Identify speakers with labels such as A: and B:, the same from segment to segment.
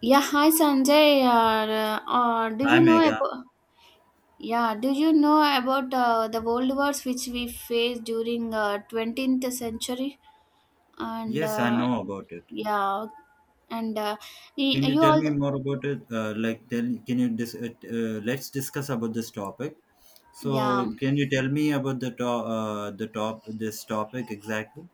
A: Yeah, hi Sanjay. Do
B: Hi
A: you know
B: Mega.
A: about, yeah? Do you know about the world wars which we faced during 20th century? And
B: Yes, I know about it.
A: yeah, and
B: Can you
A: you
B: tell
A: all,
B: me more about it? Like, tell, can you let's discuss about this topic.
A: yeah.
B: So, can you tell me about the top this topic exactly?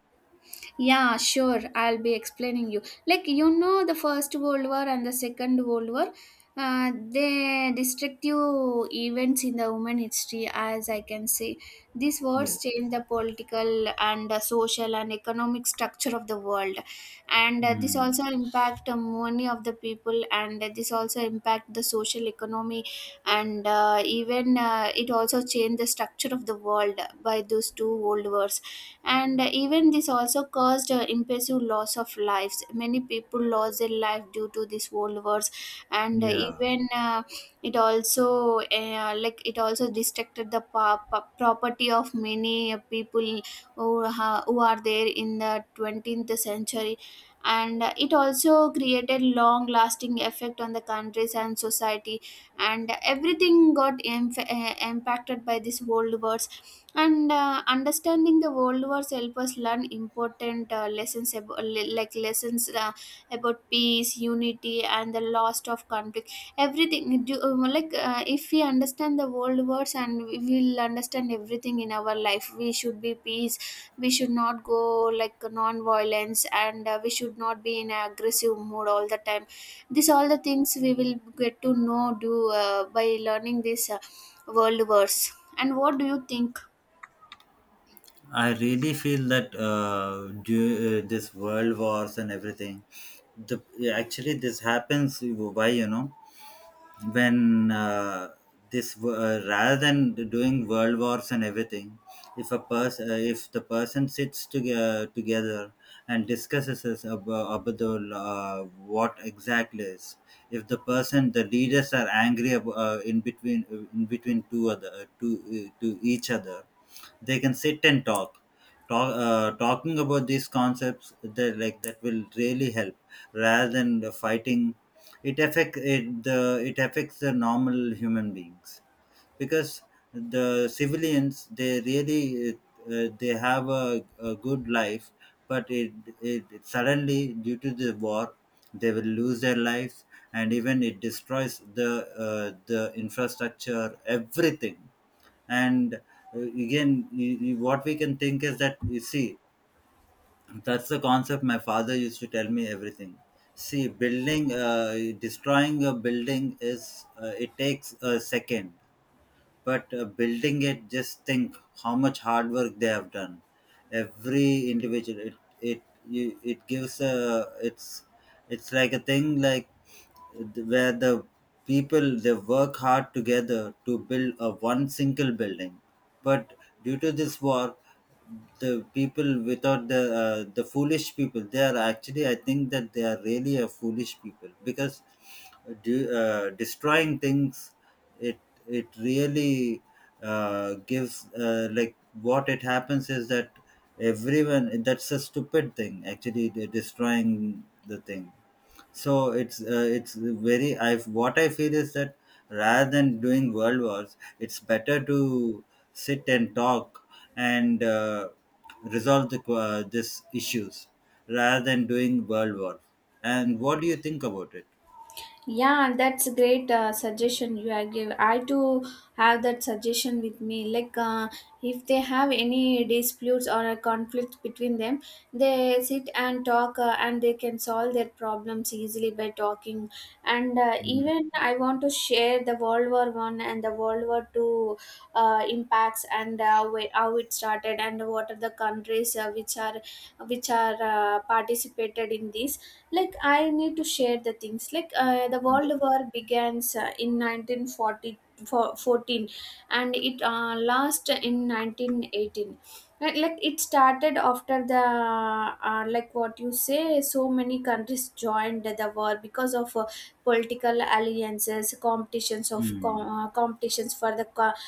A: Yeah, sure. I'll be explaining you. Like the First World War and the Second World War, they destructive events in the human history, as I can say. These wars
B: Yes.
A: changed the political and social and economic structure of the world, and this
B: Hmm.
A: also impact many of the people, and this also impact the social economy, and even it also changed the structure of the world by those two world wars, and even this also caused impressive loss of lives. Many people lost their life due to this world wars, and
B: Yeah,
A: even it also like it also distracted the property of many people who, who are there in the 20th century, and it also created long lasting effect on the countries and society, and everything got impacted by this world war, and understanding the world wars help us learn important lessons about, like lessons about peace, unity and the loss of conflict. Everything do, like if we understand the world wars and we will understand everything in our life, we should be peace. We should not go like non-violence, and we should not be in an aggressive mood all the time. This all the things we will get to know, do by learning this world wars. And what do you think?
B: I really feel that this world wars and everything. The actually this happens. Why, you know? When rather than doing world wars and everything, if the person sits together and discusses us about what exactly is, if the leaders are angry, in between two other to each other, they can sit and talk, talking about these concepts that, like, that will really help rather than the fighting. It affect it the it affects the normal human beings because the civilians, they really, uh, they have a good life, but it suddenly, due to the war, they will lose their lives, and even it destroys the infrastructure, everything. And again, what we can think is that, you see, that's the concept my father used to tell me everything. See, building destroying a building is, it takes a second, but building, it, just think, how much hard work they have done, every individual, it, you, it gives a, it's like a thing, like, where the people they work hard together to build a one single building. But due to this war, the people, without the foolish people, they are, actually, I think that they are really a foolish people because, destroying things, it it really, gives, like, what it happens is that, everyone, that's a stupid thing, actually, they're destroying the thing. So it's very, I've what I feel is that rather than doing world wars, it's better to sit and talk and resolve the this issues rather than doing world war. And what do you think about it?
A: Yeah, that's a great suggestion you are give. I too have that suggestion with me. Like, if they have any disputes or a conflict between them, they sit and talk, and they can solve their problems easily by talking. And
B: Mm,
A: even I want to share the World War One and the World War Two impacts and how it started and what are the countries which are which are participated in this. Like I need to share the things like the
B: yeah.
A: world war begins in 1940 14, and it last in 1918. Like it started after the like what you say, so many countries joined the war because of political alliances, competitions of
B: Mm,
A: competitions for the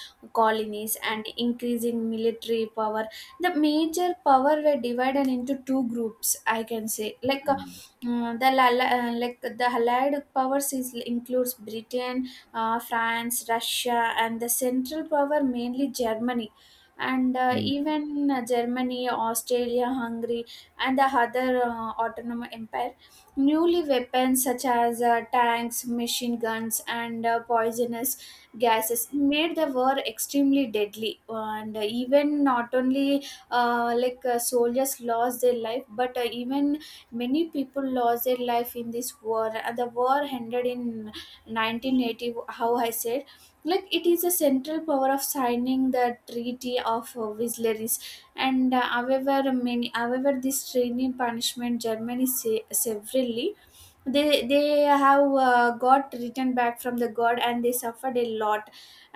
A: colonies and increasing military power. The major power were divided into two groups, I can say, like
B: mm,
A: like the allied powers is, includes Britain, France, Russia, and the central power mainly Germany, and
B: mm,
A: even Germany, Australia, Hungary and the other autonomous empire. Newly weapons such as tanks, machine guns, and poisonous gases made the war extremely deadly, and even not only soldiers lost their life, but even many people lost their life in this war, and the war ended in 1980. How I said, like it is a central power of signing the Treaty of Wisleris, and however many, however this training punishment Germany severely, they have got written back from the god and they suffered a lot,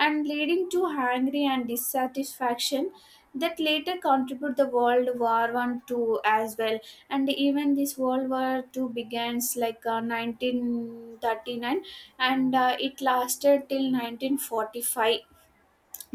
A: and leading to hungry and dissatisfaction that later contribute the world war one two as well. And even this world war two begins like 1939, and it lasted till 1945,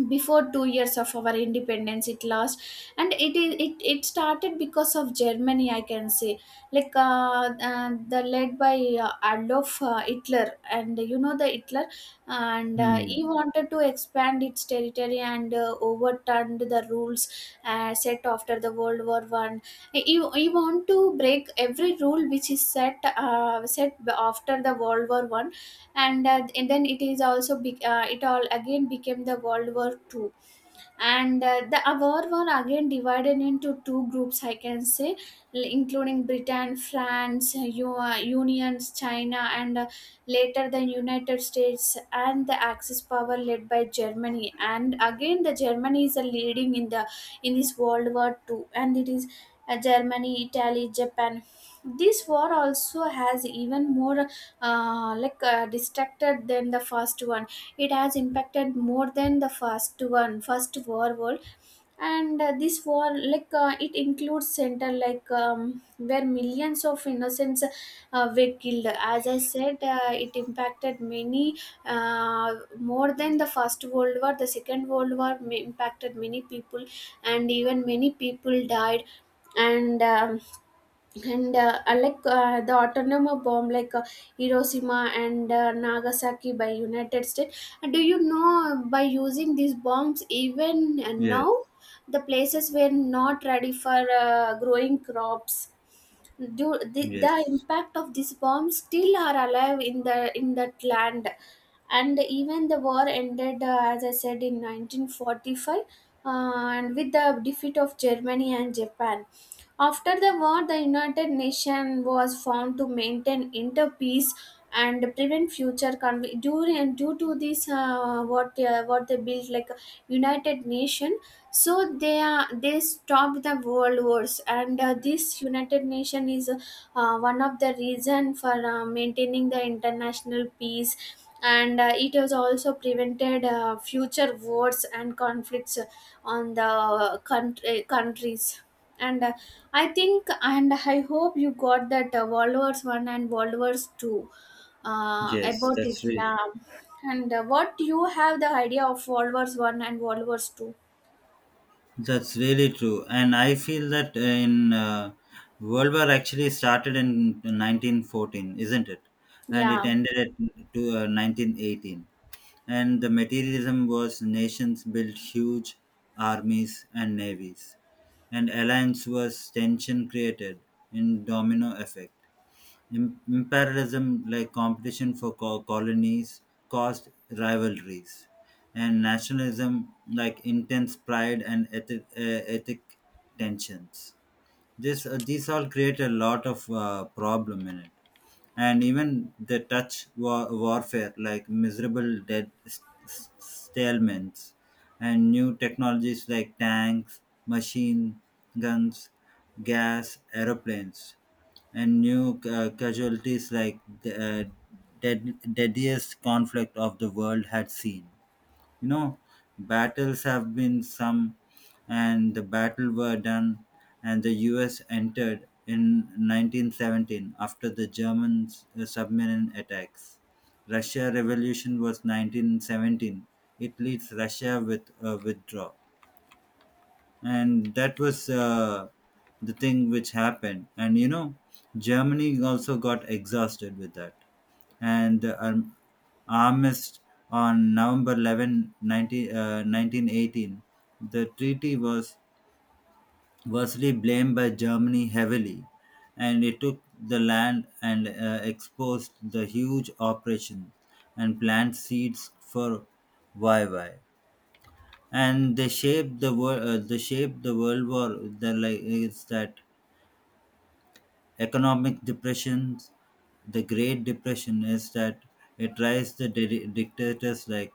A: before 2 years of our independence it lost. And it is it, it started because of Germany, I can say, like the led by Adolf Hitler, and you know the Hitler. And
B: mm.
A: he wanted to expand its territory and overturned the rules set after the world war one. he, he want to break every rule which is set after the world war one. And then it is also it all again became the world war Two. And the award were again divided into two groups, I can say, including Britain, France, unions, China, and later the United States, and the axis power led by Germany, and again the Germany is a leading in the in this world war II. And it is Germany, Italy, Japan. This war also has even more distracted than the first one. It has impacted more than the first one first war world. And this war like it includes center like where millions of innocents were killed. As I said it impacted many uh, more than the first world war, the second world war impacted many people, and even many people died. And the autonomous bomb like Hiroshima and Nagasaki by United States. And do you know, by using these bombs, even
B: Yes,
A: now the places were not ready for growing crops. Do the
B: yes,
A: impact of these bombs still are alive in the in that land. And even the war ended as I said in 1945, and with the defeat of Germany and Japan. After the war, the United Nations was formed to maintain interpeace and prevent future conflict during due to this what they built like United Nation. So they are they stopped the world wars, and this united nation is one of the reason for maintaining the international peace. And it has also prevented future wars and conflicts on the country, countries. And I think and I hope you got that world wars 1 and world wars 2
B: yes.
A: about it, yeah. And what do you have the idea of world wars 1 and world wars 2?
B: That's really true, and I feel that in World War actually started in 1914, isn't it? And it
A: Yeah,
B: ended at 1918. And the materialism was, nations built huge armies and navies, and alliance was tension created in domino effect. Imperialism, like, competition for colonies, caused rivalries, and nationalism, like, intense pride and ethic tensions. This these all create a lot of problem in it, and even the touch warfare, like, miserable dead stalemates, and new technologies like tanks, machine guns, gas, aeroplanes, and new casualties, like the deadliest conflict of the world had seen. You know, battles have been some, and the battle were done, and the US entered in 1917 after the German submarine attacks. Russia revolution was 1917. It leads Russia with a withdraw, and that was the thing which happened. And, you know, Germany also got exhausted with that. And the armistice on November 11, 1918, the treaty was virtually blamed by Germany heavily, and it took the land and exposed the huge operation and planned seeds for YY. And they shape the world war. The, like, is that, economic depressions, the great depression is that it raised the dictators, like,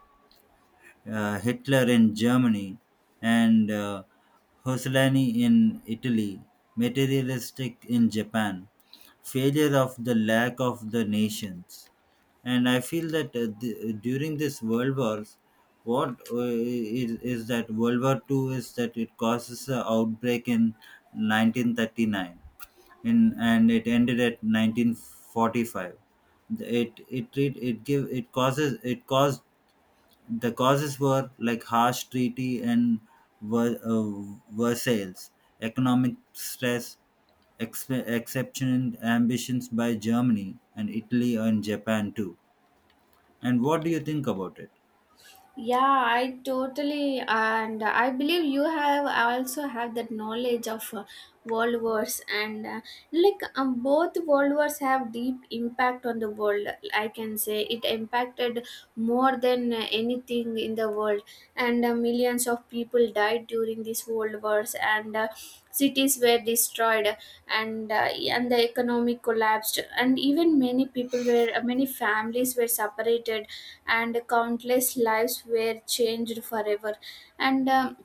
B: Hitler in Germany, and Mussolini in Italy, materialistic in Japan, failure of the lack of the nations. And I feel that during this World Wars, is that World War Two is that it causes an outbreak in 1939, and it ended at 1945. It caused, the causes were like harsh treaty and Versailles, economic stress, exceptional ambitions by Germany and Italy and Japan too. And what do you think about it?
A: yeah, I totally, and I believe you have also have that knowledge of world wars, and like both world wars have deep impact on the world. I can say it impacted more than anything in the world, and millions of people died during these world wars, and cities were destroyed, and and the economy collapsed, and even many people were, many families were separated, and countless lives were changed forever. And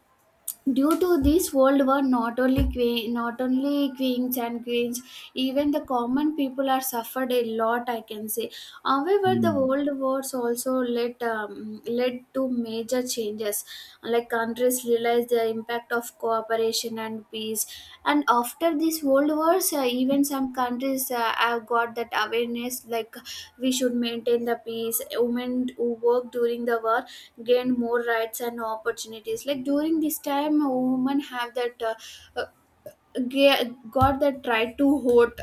A: due to this world war, not only queen, not only kings and queens, even the common people are suffered a lot, I can say. However, the
B: Hmm.
A: world wars also led led to major changes. Like countries realized the impact of cooperation and peace. And after these world wars, even some countries have got that awareness. Like we should maintain the peace. Women who work during the war gained more rights and opportunities, like during this time women have that uh, got that right to vote,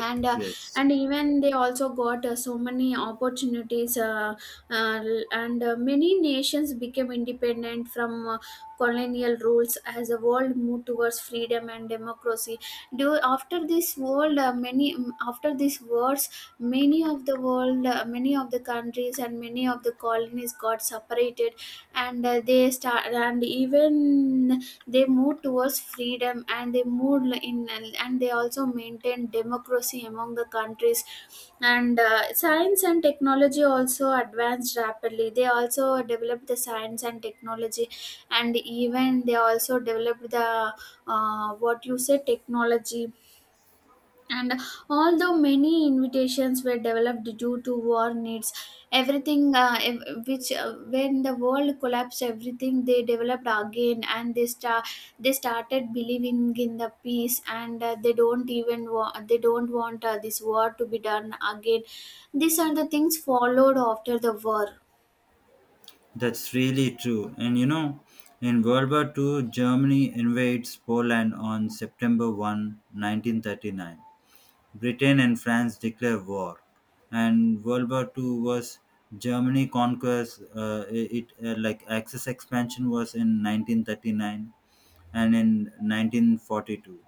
A: and uh,
B: Yes,
A: and even they also got so many opportunities, uh, and many nations became independent from colonial rules, as the world moved towards freedom and democracy. Do, after this world many mm, after these wars, many of the world many of the countries and many of the colonies got separated, and they start and even they moved towards freedom and they moved in and they also maintained democracy among the countries. And science and technology also advanced rapidly, they also developed the science and technology. And even they also developed the what you say technology, and although many invitations were developed due to war needs, everything ev- which when the world collapsed, everything they developed again, and they started believing in the peace, and they don't even they don't want this war to be done again. These are the things followed after the war.
B: that's really true. And, you know, in World War Two, Germany invades Poland on September 1, 1939. Britain and France declare war, and World War Two was Germany conquers it like Axis expansion was in 1939 and in 1942.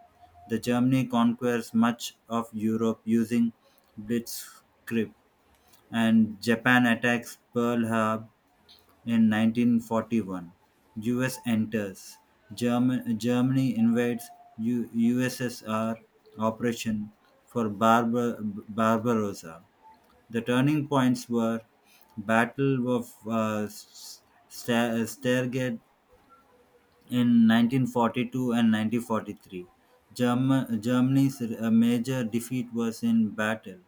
B: The Germany conquers much of Europe using blitzkrieg, and Japan attacks Pearl Harbor in 1941, US enters. Germany invades USSR operation for Barbarossa. The turning points were Battle of Stargate in 1942 and 1943. Germany's major defeat was in Battle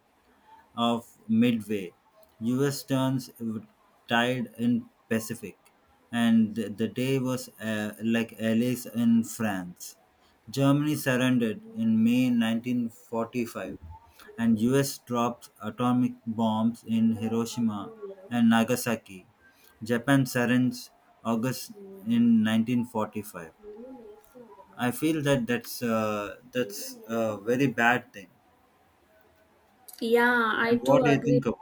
B: of Midway. U.S. turns tide in Pacific, and the day was, like, Alice in France. Germany surrendered in May 1945, and U.S. dropped atomic bombs in Hiroshima and Nagasaki. Japan surrenders August in 1945. I feel that that's a very bad thing.
A: Yeah, I
B: And
A: too
B: what do you
A: agree.
B: think about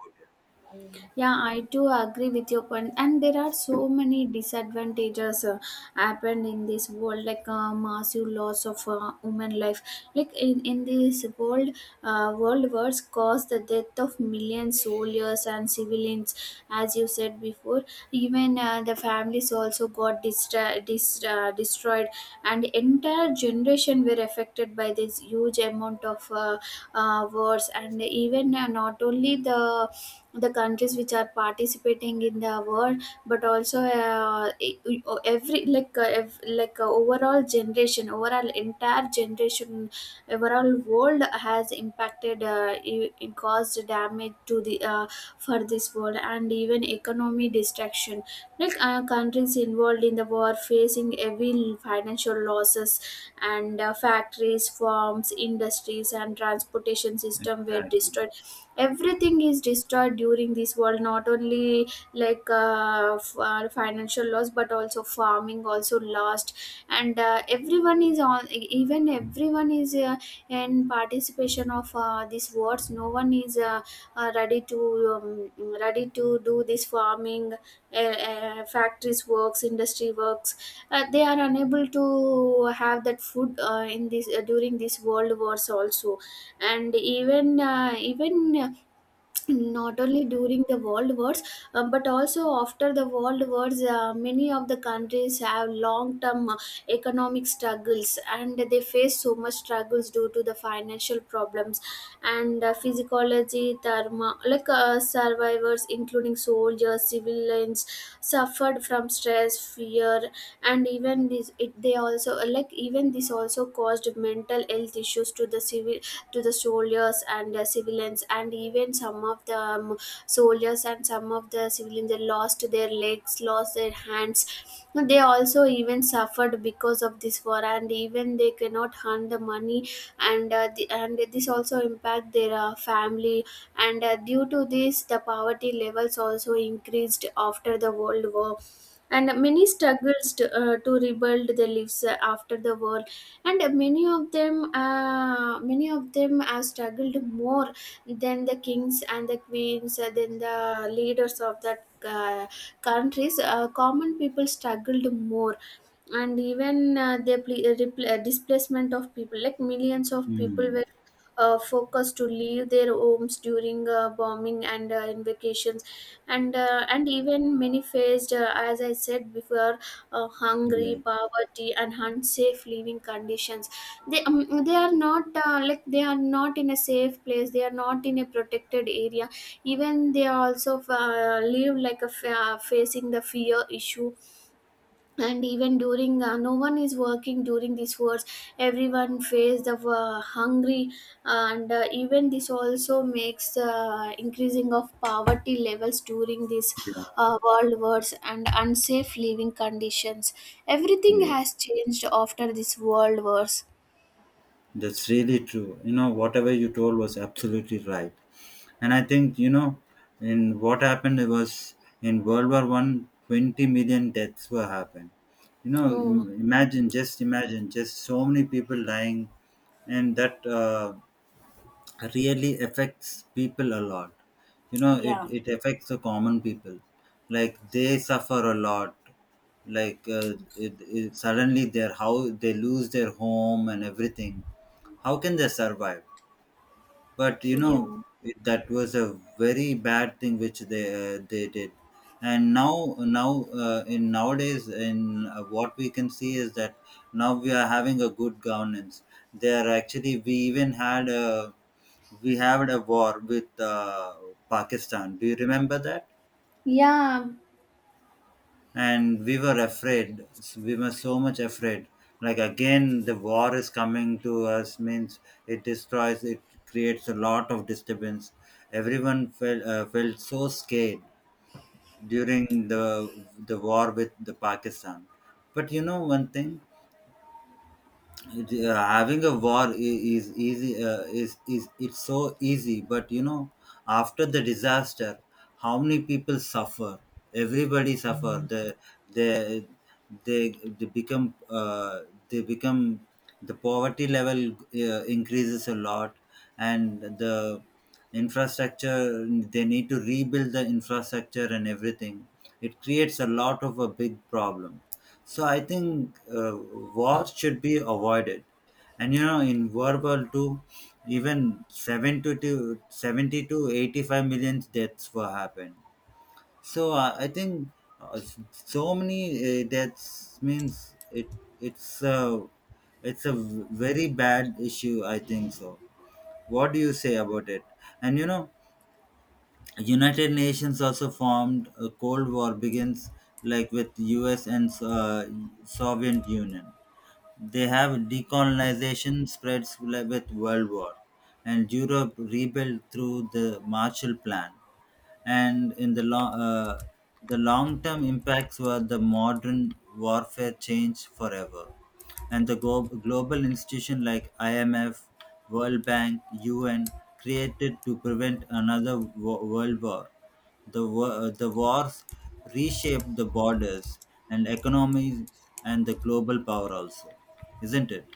A: Yeah, I do agree with your point. And there are so many disadvantages happened in this world, like massive loss of human life. Like in this world, world wars caused the death of millions soldiers and civilians, as you said before. Even the families also got destroyed, and entire generation were affected by this huge amount of wars. And even not only the countries which are participating in the world but also every overall generation overall entire generation overall world has impacted caused damage to the, for this world. And even economy destruction, countries involved in the war facing heavy financial losses, and factories, farms, industries and transportation
B: it?
A: system were
B: Exactly.
A: destroyed. Everything is destroyed during this world, not only financial loss but also farming also lost. And everyone is even everyone is in participation of these wars. No one is ready to um, ready to do this farming, factories works, industry works. They are unable to have that food in this during this world wars also. And even even not only during the world wars, but also after the world wars, many of the countries have long term economic struggles, and they face so much struggles due to the financial problems. And physiology thermo- survivors including soldiers, civilians suffered from stress, fear. And they also, like even this also caused mental health issues to the civil to the soldiers and the civilians. And even some of the soldiers and some of the civilians, they lost their legs, lost their hands. They also even suffered because of this war, and even they cannot earn the money. And and this also impact their family. And due to this the poverty levels also increased after the world war. And many struggles to rebuild their lives after the war. And many of them have struggled more than the kings and the queens, than the leaders of that, countries. Common people struggled more. And even the pl- repl- displacement of people, like millions of people
B: Mm.
A: were forced to leave their homes during bombing and invocations. And even many faced, as I said before,
B: Yeah,
A: hungry, poverty and unsafe living conditions. They they are not they are not in a safe place, they are not in a protected area. Even they also live like a facing the fear issue. And even during no one is working during these wars. Everyone face the hungry. And even this also makes increasing of poverty levels during these
B: yeah,
A: uh, world wars and unsafe living conditions. Everything
B: yes.
A: has changed after this world wars.
B: That's really true. You know, whatever you told was absolutely right. And I think, you know, in what happened was in World War One, 20 million deaths were happened. You know,
A: Hmm.
B: imagine, just so many people dying, and that, really affects people a lot. You know, it,
A: Yeah.
B: it affects the common people, like they suffer a lot, like, suddenly their, how they lose their home and everything, how can they survive. But, you know,
A: yeah
B: that was a very bad thing which they did. And now now in nowadays in what we can see is that now we are having a good governance. They are actually We had a war with Pakistan. Do you remember that?
A: yeah.
B: And we were afraid. We were so much afraid, like, again the war is coming to us, means, it destroys, it creates a lot of disturbance. Everyone felt, felt so scared during the war with the Pakistan. But, you know, one thing, having a war is easy, is it's so easy. But, you know, after the disaster, how many people suffer, everybody suffer. They they they become, the poverty level increases a lot. And the infrastructure, they need to rebuild the infrastructure and everything, it creates a lot of a big problem. So I think, wars should be avoided. And, you know, in World War Two, even 70 to 85 million deaths were happened. So, I think, so many deaths means it's uh, it's a very bad issue, I think so. What do you say about it? And, you know, United Nations also formed. A Cold War begins, like, with U.S. and Soviet Union. They have decolonization spreads, like, with World War, and Europe rebuilt through the Marshall Plan. And in the long-term impacts were the modern warfare changed forever, and the global institution like IMF, World Bank, UN created to prevent another world war. The wars reshaped the borders and economies and the global power also, isn't it?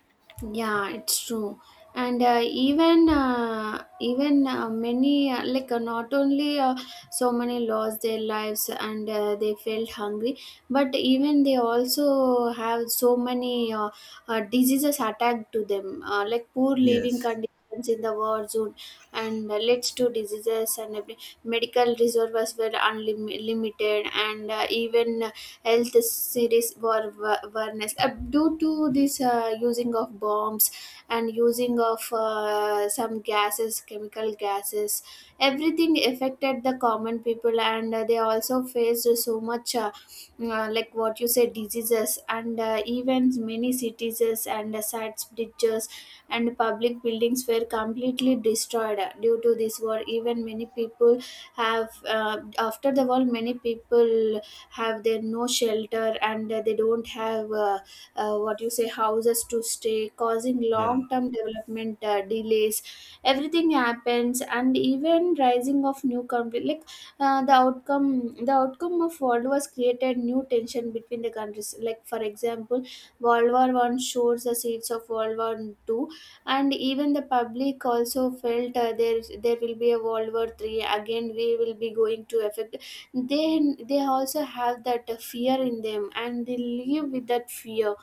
A: Yeah, it's true. And even even many, not only so many lost their lives and they felt hungry, but even they also have so many diseases attacked to them, like poor living
B: Yes.
A: conditions in the war zone, and leads to diseases and medical resources were unlimited, and even health series were awareness due to this using of bombs and using of some gases, chemical gases. Everything affected the common people, and they also faced so much, what you said, diseases. And even many cities and sites, bridges and public buildings were completely destroyed due to this war. Even many people have after the war, many people have their no shelter, and they don't have, what you say, houses to stay, causing
B: Yeah.
A: long term development delays. Everything happens. And even rising of new country, like the outcome of world wars created new tension between the countries. Like for example, world war one shows the seeds of world war two. And even the public also felt there will be a world war three again, we will be going to affect. They also have that fear in them and they live with that fear.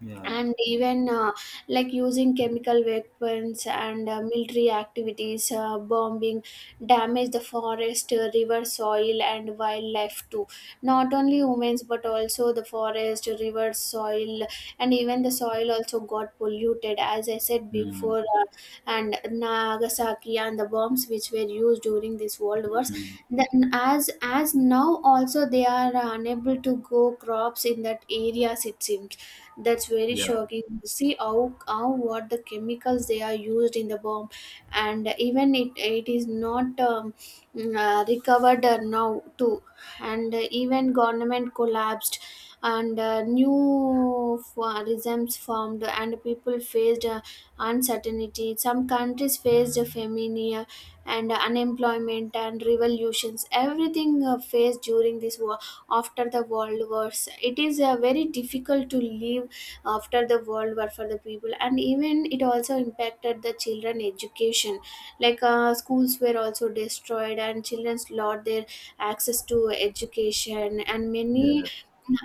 B: Yeah.
A: And even like using chemical weapons and military activities, bombing damage the forest, river, soil and wildlife too. Not only humans but also the forest, river, soil. And even the soil also got polluted, as I said
B: Mm.
A: before, and Nagasaki and the bombs which were used during these world wars,
B: Mm.
A: then as now also they are unable to grow crops in that areas, it seems. That's very
B: Yeah.
A: shocking. See how what the chemicals they are used in the bomb, and even it is not recovered now too. And even government collapsed, and regimes formed, and people faced uncertainty. Some countries faced a famine and unemployment and revolutions. Everything faced during this war. After the world wars, it is very difficult to live after the world war for the people. And even it also impacted the children education, schools were also destroyed and children lost their access to education and many.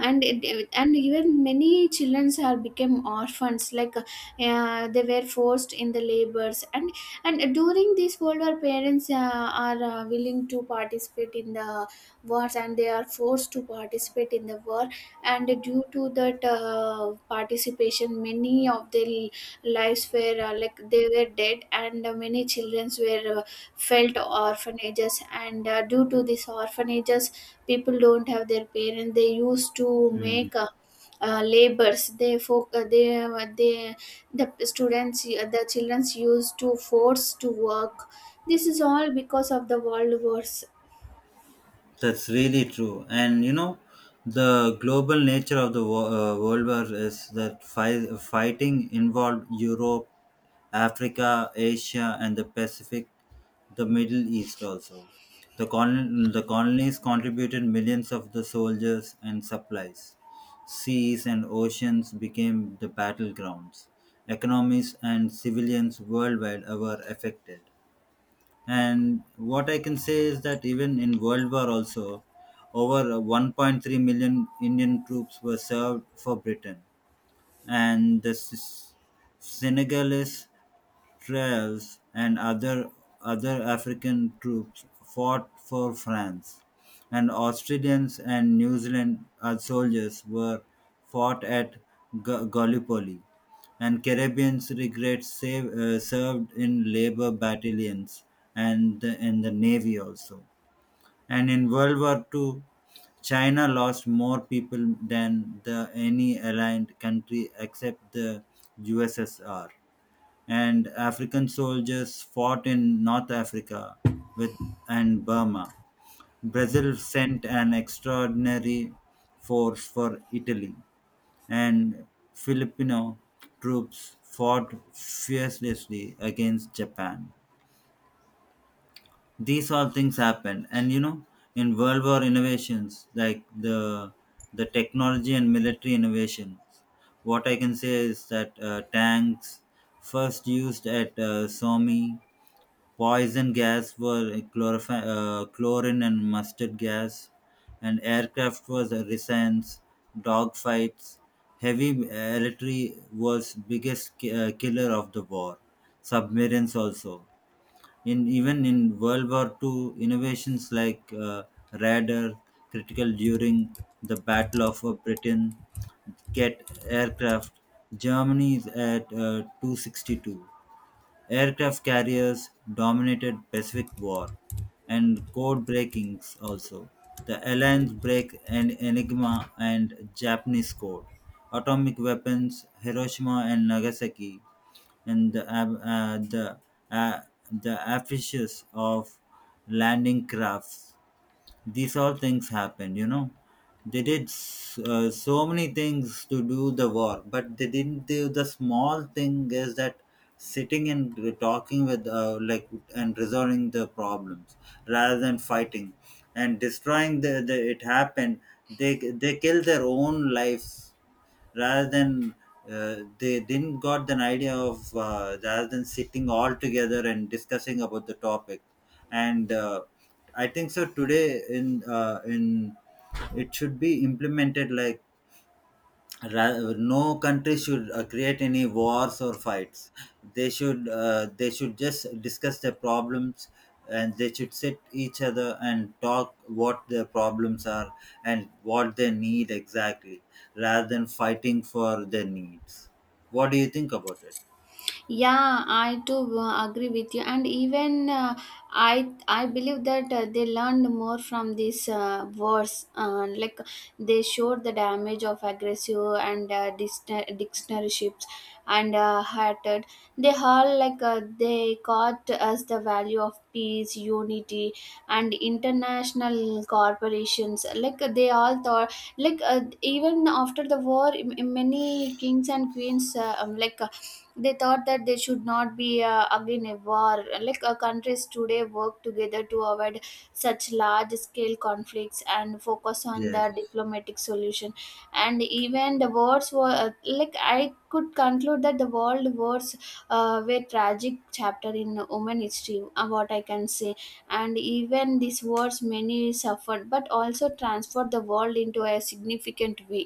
A: And even many children are became orphans, they were forced in the labors. And during this world war, parents are willing to participate in the wars, and they are forced to participate in the war. And due to that participation, many of their lives were, they were dead. And many children were felt orphanages. And due to these orphanages, people don't have their parents, they used to
B: Yeah.
A: make labors. They, the students, the childrens used to force to work. This is all because of the world wars.
B: That's really true. And, you know, the global nature of the World War is that fighting involved Europe, Africa, Asia, and the Pacific, the Middle East also. The colonies contributed millions of the soldiers and supplies. Seas and oceans became the battlegrounds. Economies and civilians worldwide were affected, and what I can say is that, even in world war also, over 1.3 million Indian troops were served for Britain, and the Senegalese Trails and other African troops fought for France, and Australians and New Zealand soldiers were fought at Gallipoli, and Caribbeans regrets save, served in labor battalions and in the navy also. And in World War Two, China lost more people than the any allied country except the USSR, and African soldiers fought in North Africa with and Burma. Brazil sent an extraordinary force for Italy, and Filipino troops fought fiercely against Japan. These all things happened. And, you know, in World War innovations like the technology and military innovations, what I can say is that, tanks first used at Somme, poison gas were chlorine and mustard gas, and aircraft was resins, dogfights. Heavy artillery was biggest killer of the war. Submarines also. In, even in World War Two, innovations like radar, critical during the Battle of Britain, jet aircraft. Germany is at 262. Aircraft carriers dominated Pacific War and code breakings also. The Alliance break and Enigma and Japanese code. Atomic weapons, Hiroshima and Nagasaki, and the ab- uh, the affiches of landing crafts. These all things happened, you know. They did so many things to do the work, but they didn't do the small thing is that sitting and talking with, like, and resolving the problems rather than fighting and destroying the it happened. They kill their own lives, rather than, they didn't got an idea of, rather than sitting all together and discussing about the topic. And I think so, today in, it should be implemented, like, no country should create any wars or fights. They should, just discuss their problems, and they should sit each other and talk what their problems are and what they need exactly, rather than fighting for their needs. What do you think about it?
A: Yeah, I too agree with you. And even I believe that they learned more from this wars, like they showed the damage of aggressive and dictatorships, and hatred. They all, they taught us the value of peace, unity and international corporations. Like they all thought, even after the war, many kings and queens, they thought that there should not be again a war. Countries today work together to avoid such large scale conflicts and focus on the
B: Yes.
A: diplomatic solution. And even the wars were, I could conclude that the world wars were tragic chapter in human history, what I can say. And even these wars, many suffered, but also transformed the world into a significant way.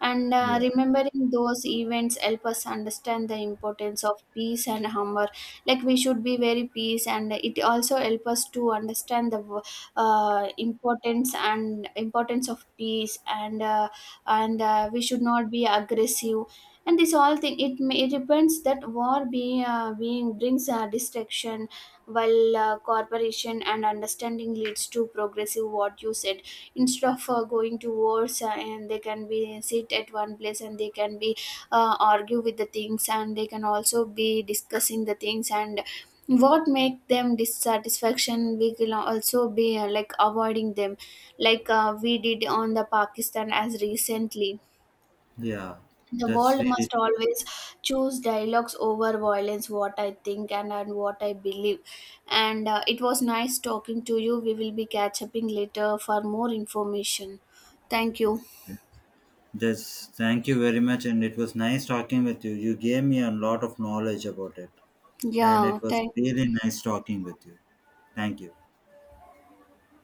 A: And
B: Yeah,
A: remembering those events help us understand the importance of peace and humor. Like we should be very peace, and it also help us to understand the importance of peace. And we should not be aggressive. And this all thing, it it depends that war be, being brings destruction, while cooperation and understanding leads to progressive, what you said. Instead of going to wars, and they can be sit at one place, and they can be, argue with the things, and they can also be discussing the things. And what make them dissatisfaction, we can also be avoiding them, we did on the Pakistan as recently.
B: yeah.
A: The
B: That's
A: world
B: really
A: must
B: true.
A: always choose dialogues over violence, what I think and what I believe. And it was nice talking to you. We will be catch upping later for more information. Thank you.
B: That's Thank you very much, and it was nice talking with you. You gave me a lot of knowledge about it, and
A: Yeah,
B: it was
A: thank
B: really nice talking with you. Thank you.